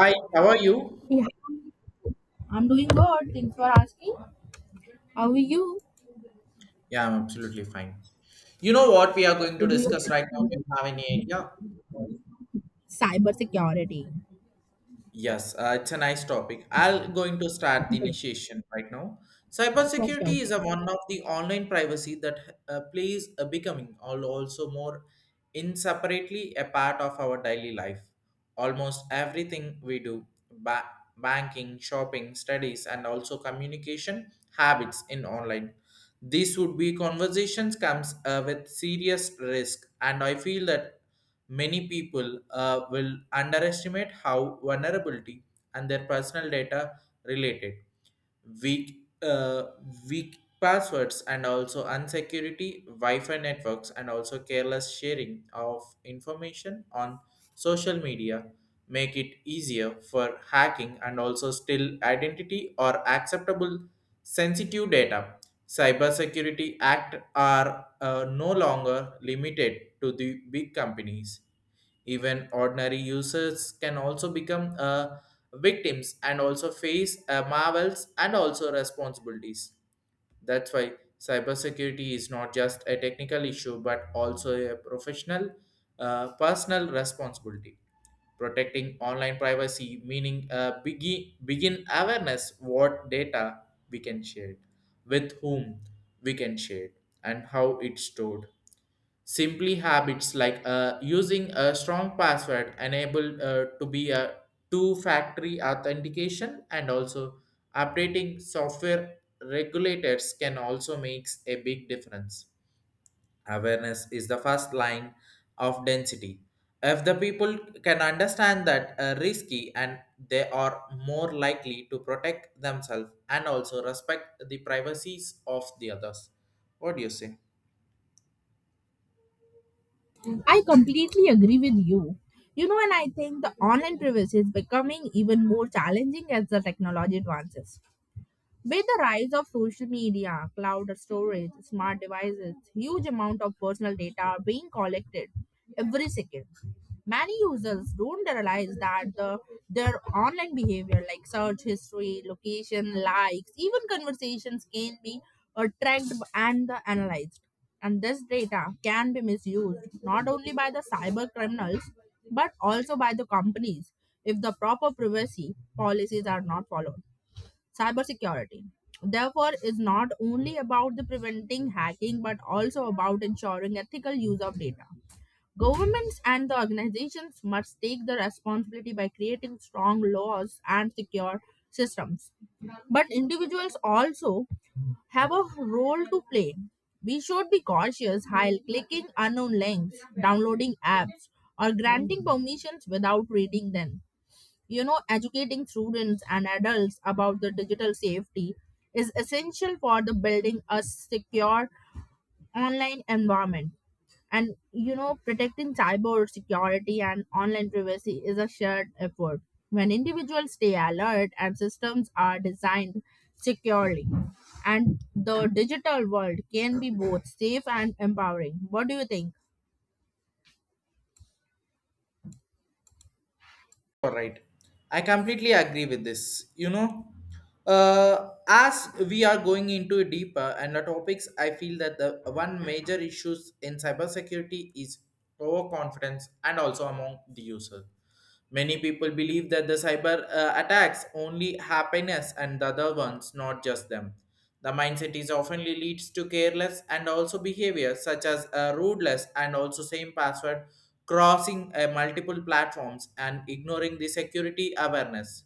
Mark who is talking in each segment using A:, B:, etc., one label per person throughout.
A: Hi, how are you?
B: Yeah, I'm doing good. Thanks for asking. How are you?
A: Yeah, I'm absolutely fine. You know what we are going
B: To
A: to
B: do your
A: discuss right now? Do you have any idea?
B: cyber security.
A: Yes, it's a nice topic. I'll going to start the initiation right now.
B: Sure, sure,
A: Cybersecurity is
B: sure.
A: a one of the online privacy that plays a becoming all also more inseparably a part of our daily life. Almost everything we do, banking, shopping, studies, and also communication habits in online. This would be conversations comes with serious risk, and I feel that many people will underestimate how vulnerability and their personal data related weak weak passwords and also unsecurity wi-fi networks and also careless sharing of information on social media make it easier for hacking and also still identity or acceptable sensitive data. Cybersecurity Act are no longer limited to the big companies. Even ordinary users can also become victims and also face marvels and also responsibilities. That's why cybersecurity is not just a technical issue but also a professional, personal responsibility protecting online privacy meaning begin awareness what data we can share, with whom we can share, and how it's stored. Simply habits like using a strong password, enabled to be a two factory authentication, and also updating software regulators can also makes a big difference. Awareness is the first line of density. If the people can understand that risky and they are more likely to protect themselves and also respect the privacies of the others. What do you say?
B: I completely agree with you. You know, and I think the online privacy is becoming even more challenging as the technology advances. With the rise of social media, cloud storage, smart devices, huge amount of personal data are being collected every second. Many users don't realize that their online behavior like search history, location, likes, even conversations can be tracked and analyzed. And this data can be misused not only by the cyber criminals but also by the companies if the proper privacy policies are not followed. Cybersecurity therefore is not only about the preventing hacking but also about ensuring ethical use of data. Governments and the organizations must take the responsibility by creating strong laws and secure systems, but individuals also have a role to play. We should be cautious while clicking unknown links, downloading apps, or granting permissions without reading them. You know, educating students and adults about the digital safety is essential for the building a secure online environment. And you know, protecting cyber security and online privacy is a shared effort. When individuals stay alert and systems are designed securely, and the digital world can be both safe and empowering. What do you think?
A: All right. I completely agree with this. You know, as we are going into deeper and the topics, I feel that the one major issues in cybersecurity is overconfidence and also among the user. Many people believe that the cyber attacks only happiness and the other ones, not just them. The mindset is often leads to careless and also behavior such as rudeness and also same password, crossing multiple platforms and ignoring the security awareness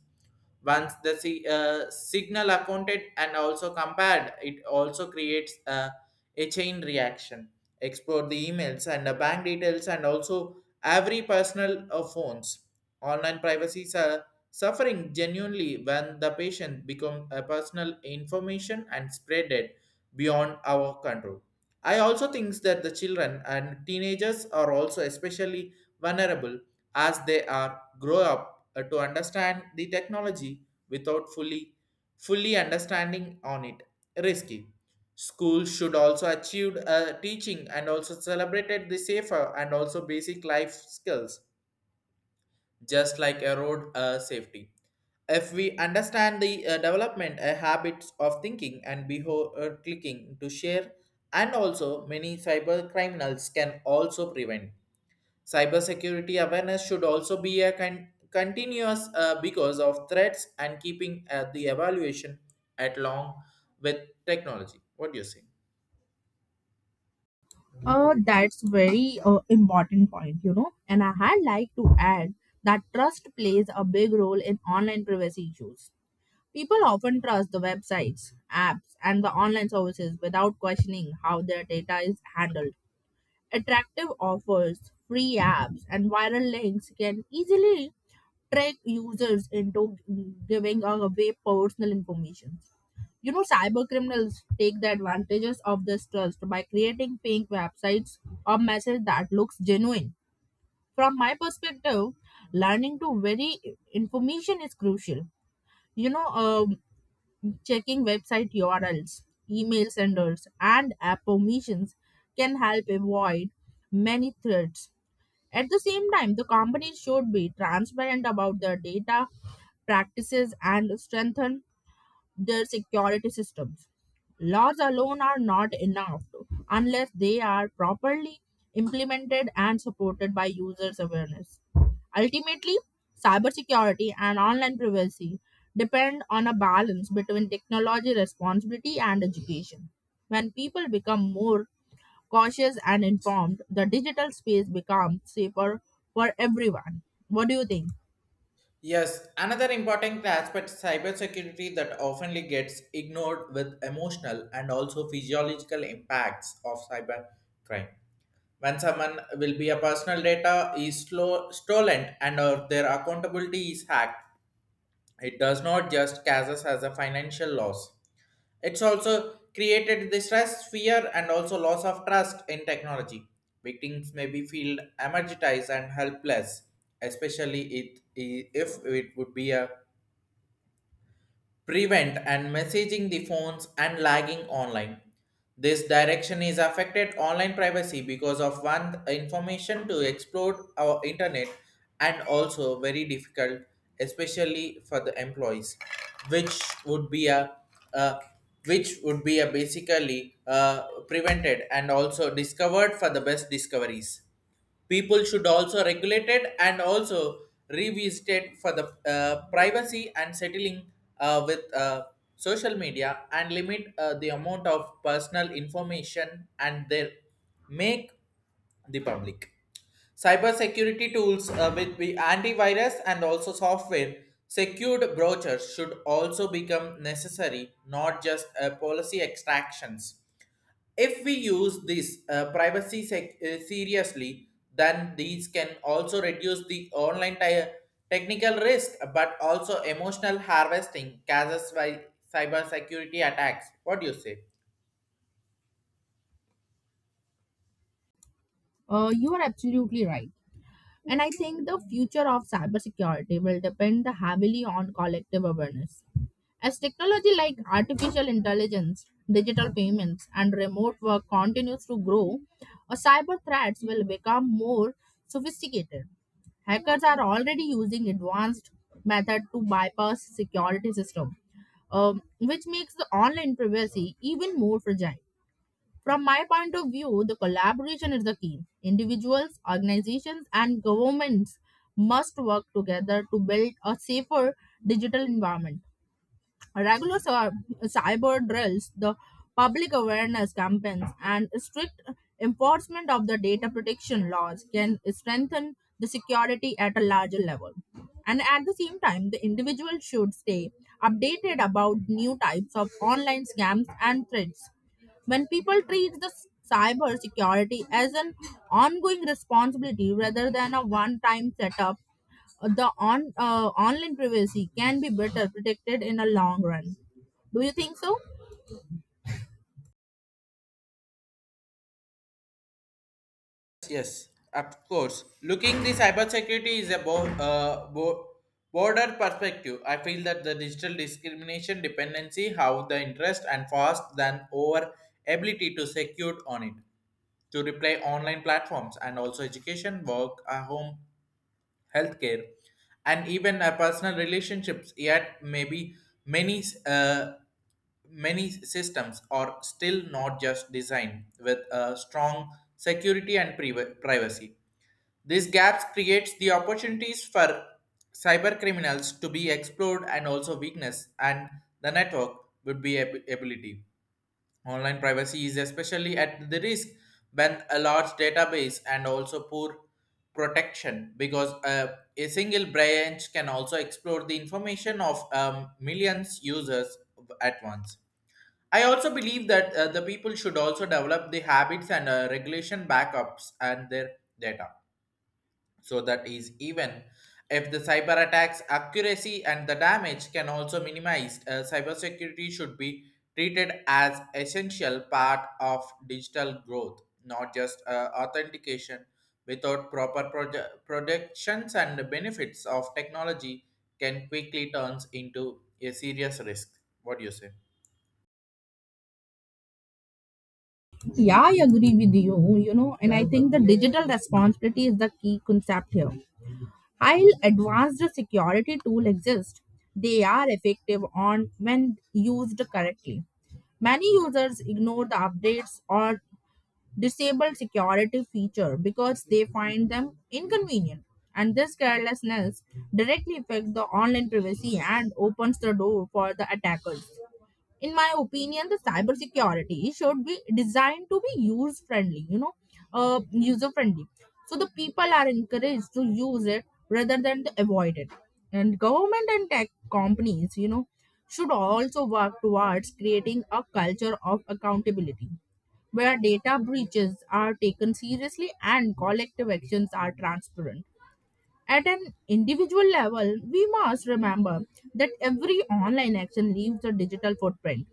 A: once the signal accounted and also compared it also creates a chain reaction, explore the emails and the bank details and also every personal phones. Online privacies are suffering genuinely when the patient become a personal information and spread it beyond our control. I also think that the children and teenagers are also especially vulnerable as they are grow up to understand the technology without fully understanding on it risky. Schools should also achieve teaching and also celebrated the safer and also basic life skills, just like a road safety. If we understand the development habits of thinking and behavior clicking to share, and also many cyber criminals can also prevent. Cybersecurity awareness should also be a continuous because of threats and keeping the evaluation at long with technology. What do you say?
B: That's very important point, you know. And I had like to add that trust plays a big role in online privacy issues. People often trust the websites, apps, and the online services without questioning how their data is handled. Attractive offers, free apps, and viral links can easily trick users into giving away personal information. You know, cyber criminals take the advantages of this trust by creating fake websites or message that looks genuine. From my perspective, learning to very information is crucial. You know, checking website URLs, email senders, and app permissions can help avoid many threats. At the same time, the companies should be transparent about their data practices and strengthen their security systems. Laws alone are not enough unless they are properly implemented and supported by users' awareness. Ultimately, cybersecurity and online privacy depend on a balance between technology responsibility and education. When people become more cautious and informed, the digital space becomes safer for everyone. What do you think?
A: Yes, another important aspect cybersecurity that oftenly gets ignored with emotional and also physiological impacts of cyber crime. When someone will be a personal data is slow, stolen and or their accountability is hacked, it does not just cause us as a financial loss. It's also created the stress, fear, and also loss of trust in technology. Victims may be feel energized and helpless, especially it, if it would be a prevent and messaging the phones and lagging online. This direction is affected online privacy because of one information to explode our internet and also very difficult, especially for the employees, which would be a uh, basically prevented and also discovered for the best discoveries. People should also regulate it and also revisit it for the privacy and settling with social media and limit the amount of personal information and their make the public. Cybersecurity tools with the antivirus and also software secured brochures should also become necessary, not just policy extractions. If we use this privacy seriously, then these can also reduce the online technical risk, but also emotional harvesting causes by cybersecurity attacks. What do you say?
B: You are absolutely right. And I think the future of cybersecurity will depend heavily on collective awareness. As technology like artificial intelligence, digital payments, and remote work continues to grow, cyber threats will become more sophisticated. Hackers are already using advanced method to bypass security system, which makes the online privacy even more fragile. From my point of view, the collaboration is the key. Individuals, organizations, and governments must work together to build a safer digital environment. Regular cyber drills, the public awareness campaigns, and strict enforcement of the data protection laws can strengthen the security at a larger level. And at the same time, the individual should stay updated about new types of online scams and threats. When people treat the cyber security as an ongoing responsibility rather than a one-time setup, the on online privacy can be better protected in the long run. Do you think so?
A: Yes, of course. Looking the cybersecurity is a border perspective. I feel that the digital discrimination dependency have the interest and fast than over ability to secure on it, to reply online platforms and also education, work, home, healthcare, and even personal relationships. Yet, maybe many uh, many systems are still not just designed with a strong security and privacy. These gaps creates the opportunities for cyber criminals to be explored and also weakness and the network would be ability. Online privacy is especially at the risk when a large database and also poor protection because a single branch can also explore the information of millions users at once. I also believe that the people should also develop the habits and regulation backups and their data so that is even if the cyber attacks accuracy and the damage can also minimized. Cybersecurity should be treated as essential part of digital growth, not just authentication. Without proper protections and the benefits of technology can quickly turns into a serious risk. What do you say?
B: Yeah, I agree with you. You know, and I think the digital responsibility is the key concept here. While advanced security tools exist, they are effective on when used correctly. Many users ignore the updates or disable security feature because they find them inconvenient, and this carelessness directly affects the online privacy and opens the door for the attackers. In my opinion, the cybersecurity should be designed to be user friendly, you know, user friendly. So the people are encouraged to use it rather than to avoid it. And government and tech companies, you know, should also work towards creating a culture of accountability where data breaches are taken seriously and collective actions are transparent. At an individual level, we must remember that every online action leaves a digital footprint.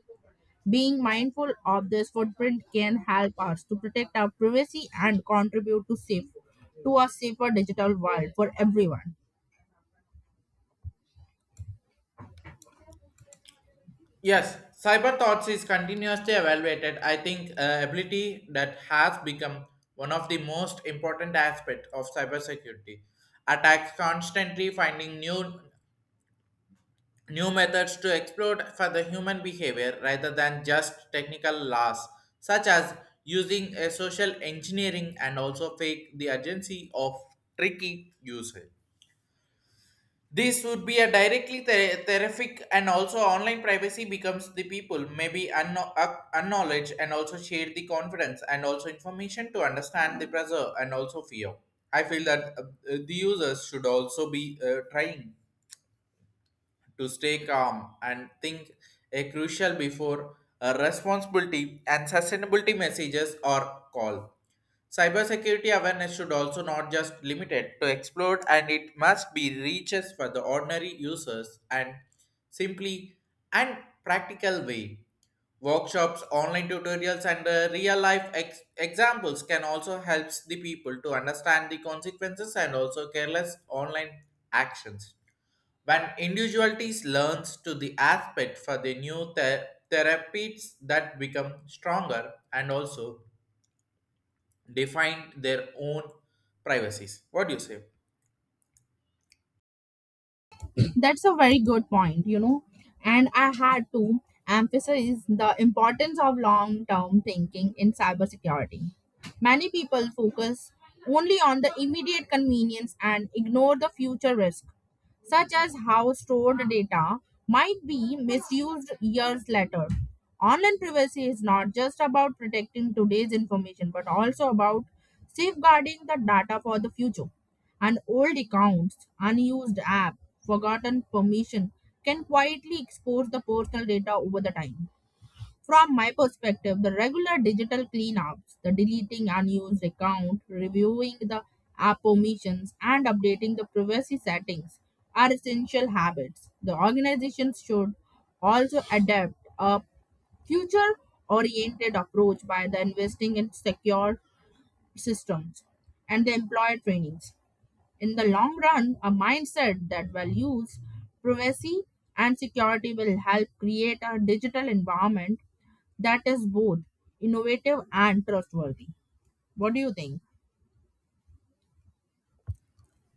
B: Being mindful of this footprint can help us to protect our privacy and contribute to safe to a safer digital world for everyone.
A: Yes, cyber thoughts is continuously evaluated. I think ability that has become one of the most important aspects of cybersecurity. Attacks constantly finding new methods to exploit for the human behavior rather than just technical laws, such as using a social engineering and also fake the urgency of tricky usage. This would be a directly terrific, and also online privacy becomes the people maybe acknowledge and also share the confidence and also information to understand the pressure and also fear. I feel that the users should also be trying to stay calm and think a crucial before a responsibility and sustainability messages or call. Cybersecurity awareness should also not just limited to explore, and it must be reaches for the ordinary users and simply and practical way. Workshops, online tutorials and real life examples can also help the people to understand the consequences and also careless online actions. When individualities learns to the aspect for the new therapies that become stronger and also define their own privacies. What do you say?
B: That's a very good point, you know. And I had to emphasize the importance of long term thinking in cybersecurity. Many people focus only on the immediate convenience and ignore the future risk, such as how stored data might be misused years later. Online privacy is not just about protecting today's information but also about safeguarding the data for the future, and old accounts, unused app, forgotten permission can quietly expose the personal data over the time. From my perspective, the regular digital cleanups, the deleting unused account, reviewing the app permissions, and updating the privacy settings are essential habits. The organizations should also adapt a future oriented approach by the investing in secure systems and the employer trainings. In the long run, a mindset that values privacy and security will help create a digital environment that is both innovative and trustworthy. What do you think?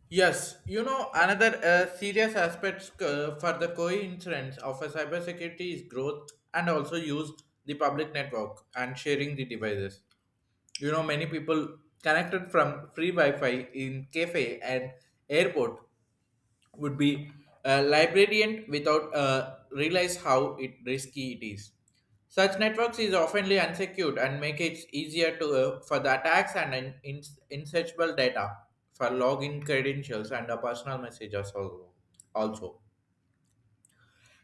A: Yes, you know, another serious aspect for the coincidence of a cybersecurity is growth and also use the public network and sharing the devices. You know, many people connected from free Wi Fi in cafe and airport would be a librarian without realize how it risky it is. Such networks is oftenly unsecured and make it easier to for the attacks and insearchable data for login credentials and personal messages also. Also.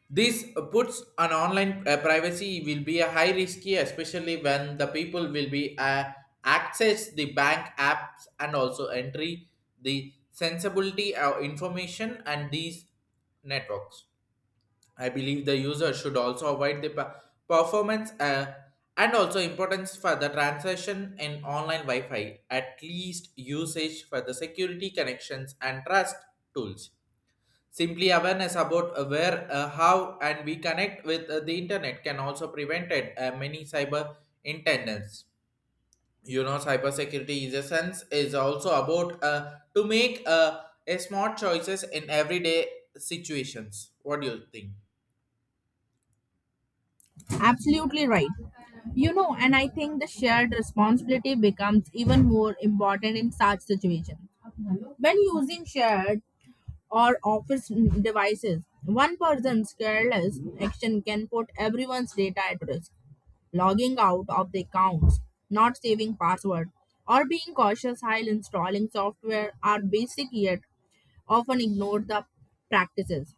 A: This puts an online privacy will be a high risky, especially when the people will be access the bank apps and also entry the sensibility of information and these networks. I believe the user should also avoid the performance and also importance for the transaction in online Wi-Fi. At least usage for the security connections and trust tools. Simply awareness about where, how, and we connect with the internet can also prevent it, many cyber intendants. You know, cybersecurity is a sense is also about to make a smart choices in everyday situations. What do you think?
B: Absolutely right. You know, and I think the shared responsibility becomes even more important in such situations. When using shared or office devices, one person's careless action can put everyone's data at risk. Logging out of the accounts, not saving password, or being cautious while installing software are basic yet often ignored the practices.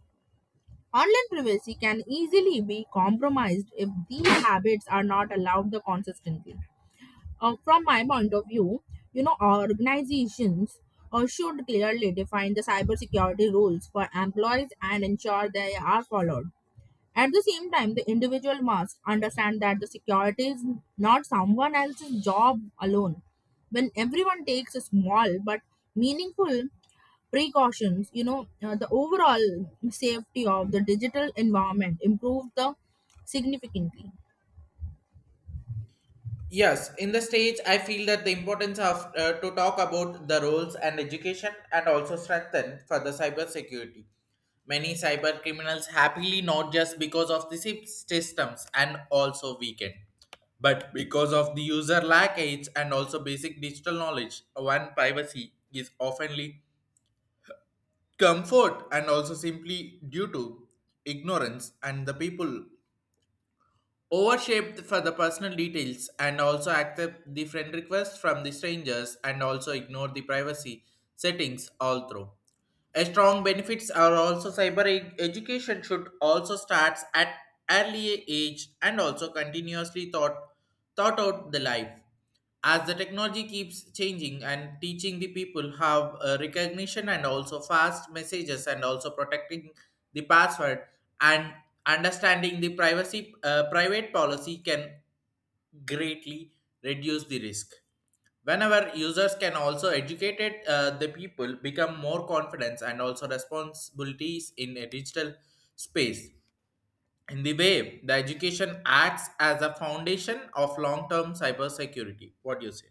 B: Online privacy can easily be compromised if these habits are not allowed the consistently. From my point of view, you know, organizations should clearly define the cybersecurity rules for employees and ensure they are followed. At the same time, the individual must understand that the security is not someone else's job alone. When everyone takes a small but meaningful precautions, you know, the overall safety of the digital environment improves the significantly.
A: Yes, in the stage, I feel that the importance of to talk about the roles and education and also strengthen for the cyber security. Many cyber criminals happily not just because of the systems and also weakened, but because of the user lack age and also basic digital knowledge. One privacy is oftenly comfort and also simply due to ignorance and the people overshaped for the personal details and also accept the friend requests from the strangers and also ignore the privacy settings all through. A strong benefits are also cyber education should also starts at early age and also continuously thought out the life. As the technology keeps changing and teaching the people have recognition and also fast messages and also protecting the password and understanding the privacy private policy can greatly reduce the risk. Whenever users can also educate it, the people become more confidence and also responsibilities in a digital space. In the way, the education acts as a foundation of long-term cybersecurity. What do you say?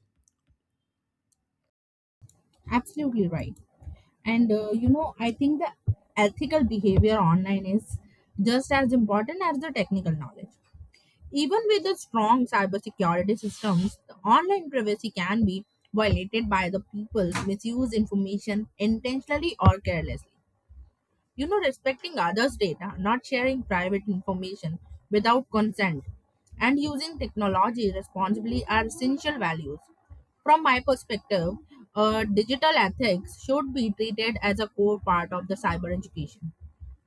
B: Absolutely right. And you know, I think the ethical behavior online is just as important as the technical knowledge. Even with the strong cybersecurity systems, the online privacy can be violated by the people misuse information intentionally or carelessly. You know, respecting others' data, not sharing private information without consent, and using technology responsibly are essential values. From my perspective, digital ethics should be treated as a core part of the cyber education.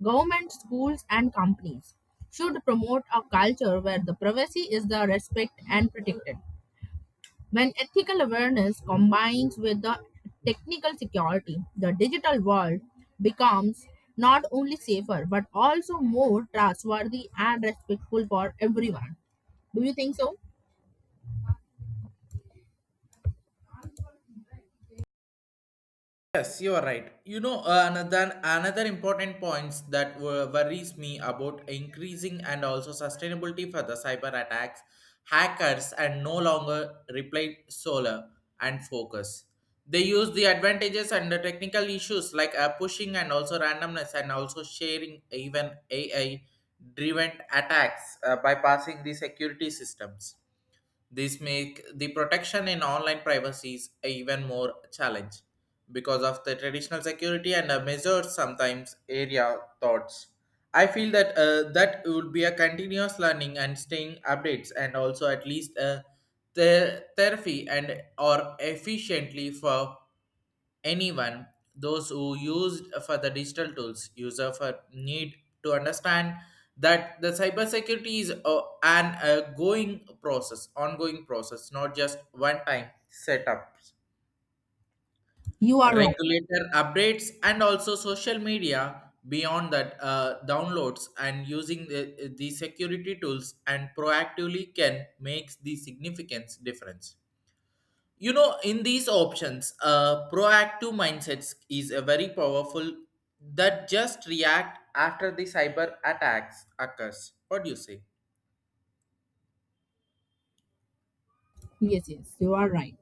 B: Government, schools, and companies should promote a culture where the privacy is the respect and protected. When ethical awareness combines with the technical security, the digital world becomes not only safer but also more trustworthy and respectful for everyone. Do you think so?
A: Yes, you are right. You know, another important points that worries me about increasing and also sustainability for the cyber attacks, hackers and no longer reply solar and focus. They use the advantages and the technical issues like pushing and also randomness and also sharing even AI driven attacks bypassing the security systems. This make the protection in online privacies a even more challenge because of the traditional security and measures sometimes area thoughts. I feel that would be a continuous learning and staying updates and also at least a therapy and or efficiently for anyone those who used for the digital tools user for need to understand that the cybersecurity is a, an a going process ongoing process not just one time setups
B: You are wrong.
A: regulator updates and also social media beyond that downloads and using the security tools and proactively can make the significance difference. In these options proactive mindsets is a very powerful that just react after the cyber attacks occurs. What do you say?
B: Yes, yes, you are right.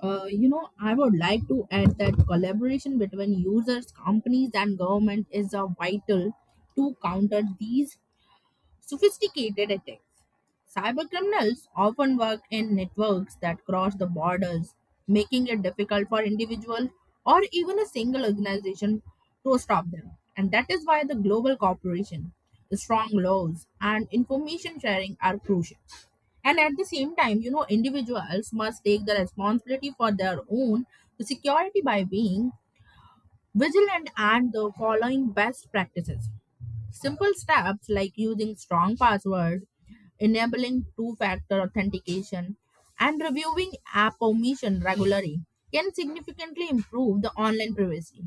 B: You know, I would like to add that collaboration between users, companies, and government is vital to counter these sophisticated attacks. Cybercriminals often work in networks that cross the borders, making it difficult for individual or even a single organization to stop them. And that is why the global cooperation, the strong laws, and information sharing are crucial. And at the same time, you know, individuals must take the responsibility for their own security by being vigilant and the following best practices. Simple steps like using strong passwords, enabling two-factor authentication, and reviewing app permission regularly can significantly improve the online privacy.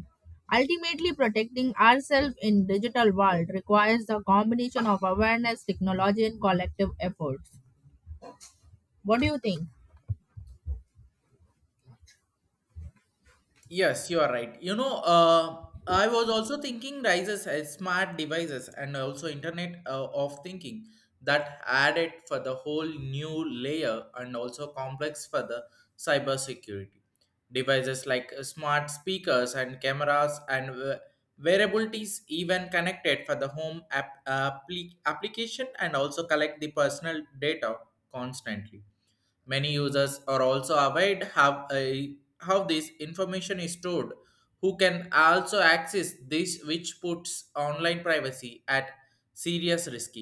B: Ultimately, protecting ourselves in digital world requires a combination of awareness, technology, and collective efforts. What do you think?
A: Yes, you are right. I was also thinking rises as smart devices and also Internet of Thinking that added for the whole new layer and also complex for the cybersecurity. Devices like smart speakers and cameras and wearables even connected for the home application and also collect the personal data constantly. Many users are also aware how this information is stored, who can also access this, which puts online privacy at serious risk.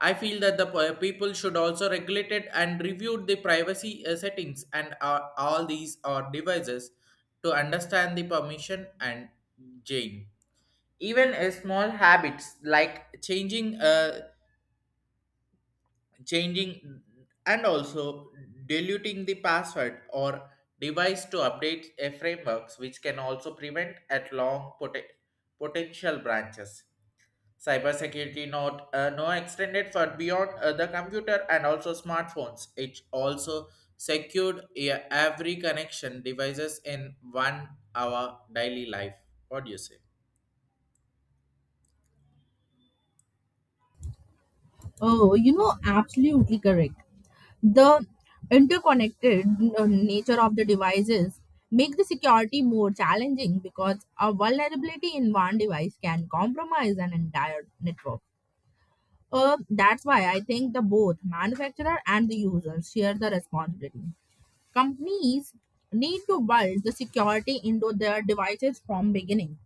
A: I feel that the people should also regulate it and review the privacy settings and all these or devices to understand the permission and gain. Even a small habits like changing and also diluting the password or device to update a frameworks which can also prevent at long potential branches. Cybersecurity not no extended for beyond the computer and also smartphones it also secured, yeah, every connection devices in 1 hour daily life. What do you say?
B: Oh, you know, absolutely correct. The interconnected nature of the devices make the security more challenging because a vulnerability in one device can compromise an entire network. That's why I think the both manufacturer and the users share the responsibility. Companies need to build the security into their devices from beginning.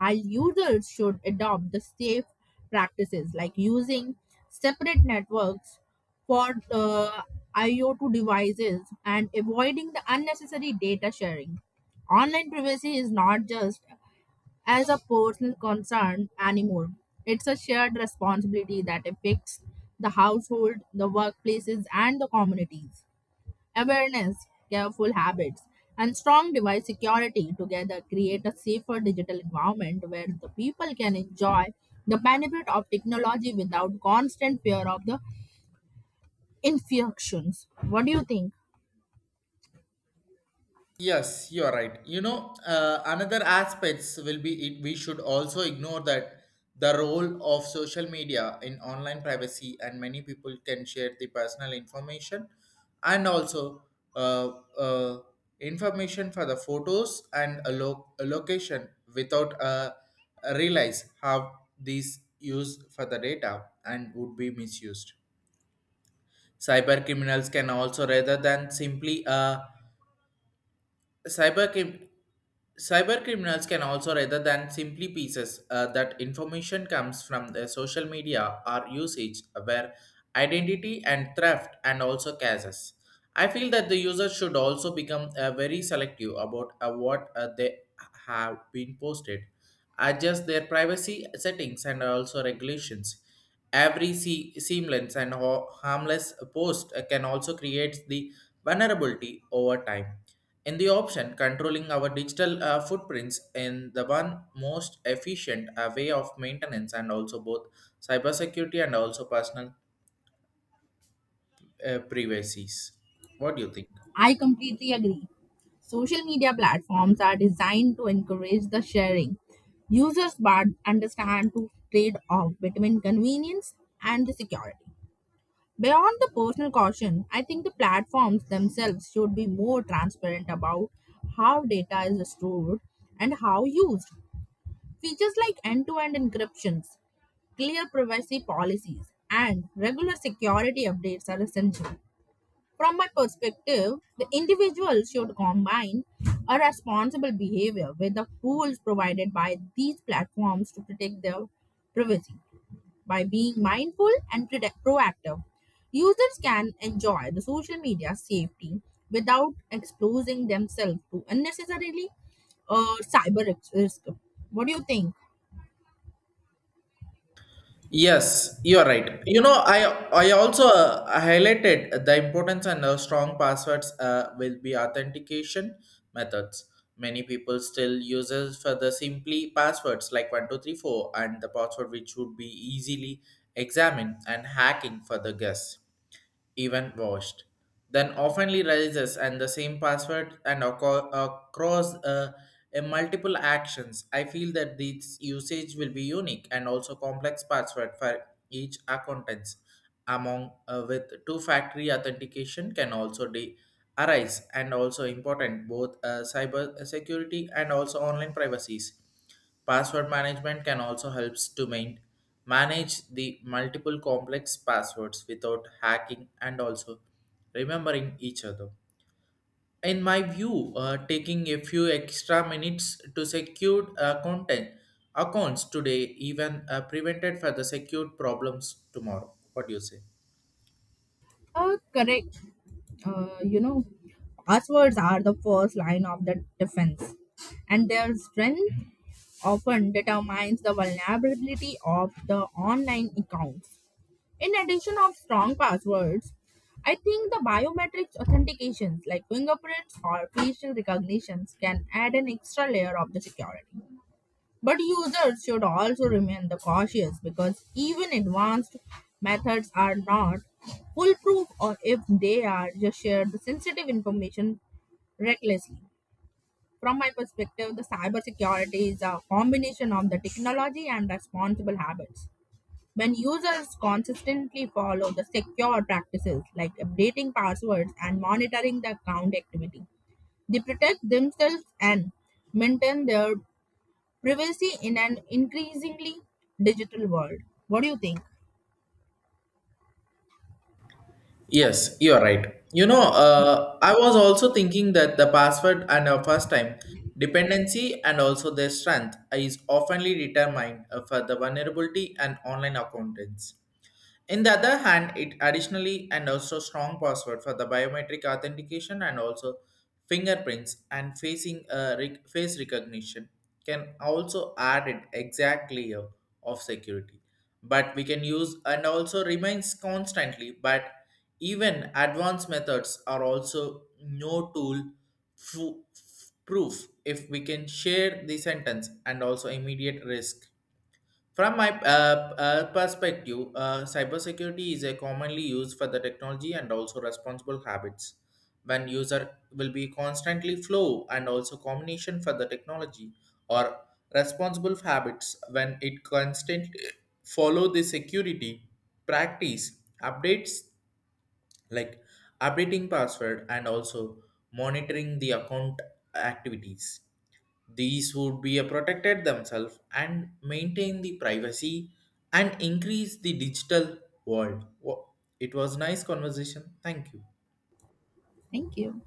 B: Our users should adopt the safe practices like using separate networks for IoT devices and avoiding the unnecessary data sharing. Online privacy is not just as a personal concern anymore. It's a shared responsibility that affects the household, the workplaces, and the communities. Awareness, careful habits, and strong device security together create a safer digital environment where the people can enjoy the benefit of technology without constant fear of the infections. What do you think?
A: Yes, you are right. Another aspects will be it, we should also ignore that the role of social media in online privacy and many people can share the personal information and also uh, uh, information for the photos and a location without realize how these use for the data and would be misused. Cyber criminals can also rather than simply cyber crim- cyber criminals can also rather than simply pieces that information comes from the social media or usage where identity and theft and also cases. I feel that the user should also become very selective about what they have been posted, adjust their privacy settings and also regulations. Every seamless and harmless post can also create the vulnerability over time in the option, controlling our digital footprints in the one most efficient way of maintenance and also both cybersecurity and also personal privacies. What do you think?
B: I completely agree. Social media platforms are designed to encourage the sharing. Users but understand to trade off between convenience and the security. Beyond the personal caution, I think the platforms themselves should be more transparent about how data is stored and how used. Features like end to end encryptions, clear privacy policies, and regular security updates are essential. From my perspective, the individual should combine a responsible behavior with the tools provided by these platforms to protect their privacy by being mindful and proactive. Users can enjoy the social media safety without exposing themselves to unnecessarily risk. What do you think?
A: Yes, you are right. I also highlighted the importance and strong passwords will be authentication methods. Many people still uses for the simply passwords like 1234 and the password which would be easily examined and hacking for the guess. Even washed, then oftenly rises and the same password and across a multiple actions. I feel that this usage will be unique and also complex password for each accountants among with two factory authentication can also arise and also important both cyber security and also online privacies. Password management can also helps to manage the multiple complex passwords without hacking and also remembering each other. In my view, taking a few extra minutes to secure content accounts today even prevented further secure problems tomorrow. What do you say?
B: Correct. You know, passwords are the first line of the defense, and their strength often determines the vulnerability of the online accounts. In addition of strong passwords, I think the biometrics authentications like fingerprints or facial recognitions can add an extra layer of the security. But users should also remain the cautious because even advanced methods are not foolproof or if they are just share the sensitive information recklessly. From my perspective, the cybersecurity is a combination of the technology and responsible habits. When users consistently follow the secure practices like updating passwords and monitoring the account activity, they protect themselves and maintain their privacy in an increasingly digital world. What do you think?
A: Yes, you are right. I was also thinking that the password and a first time dependency and also their strength is oftenly determined for the vulnerability and online accountants. In the other hand, it additionally and also strong password for the biometric authentication and also fingerprints and face recognition can also add an exact layer of security. But we can use and also remains constantly. But even advanced methods are also no tool fu- proof if we can share the sentence and also immediate risk. From my perspective, cybersecurity is a commonly used for the technology and also responsible habits. When user will be constantly flow and also combination for the technology or responsible habits when it constantly follow the security practice updates like updating password and also monitoring the account activities these would be a protected themselves and maintain the privacy and increase the digital world. It was nice conversation. Thank you.
B: Thank you.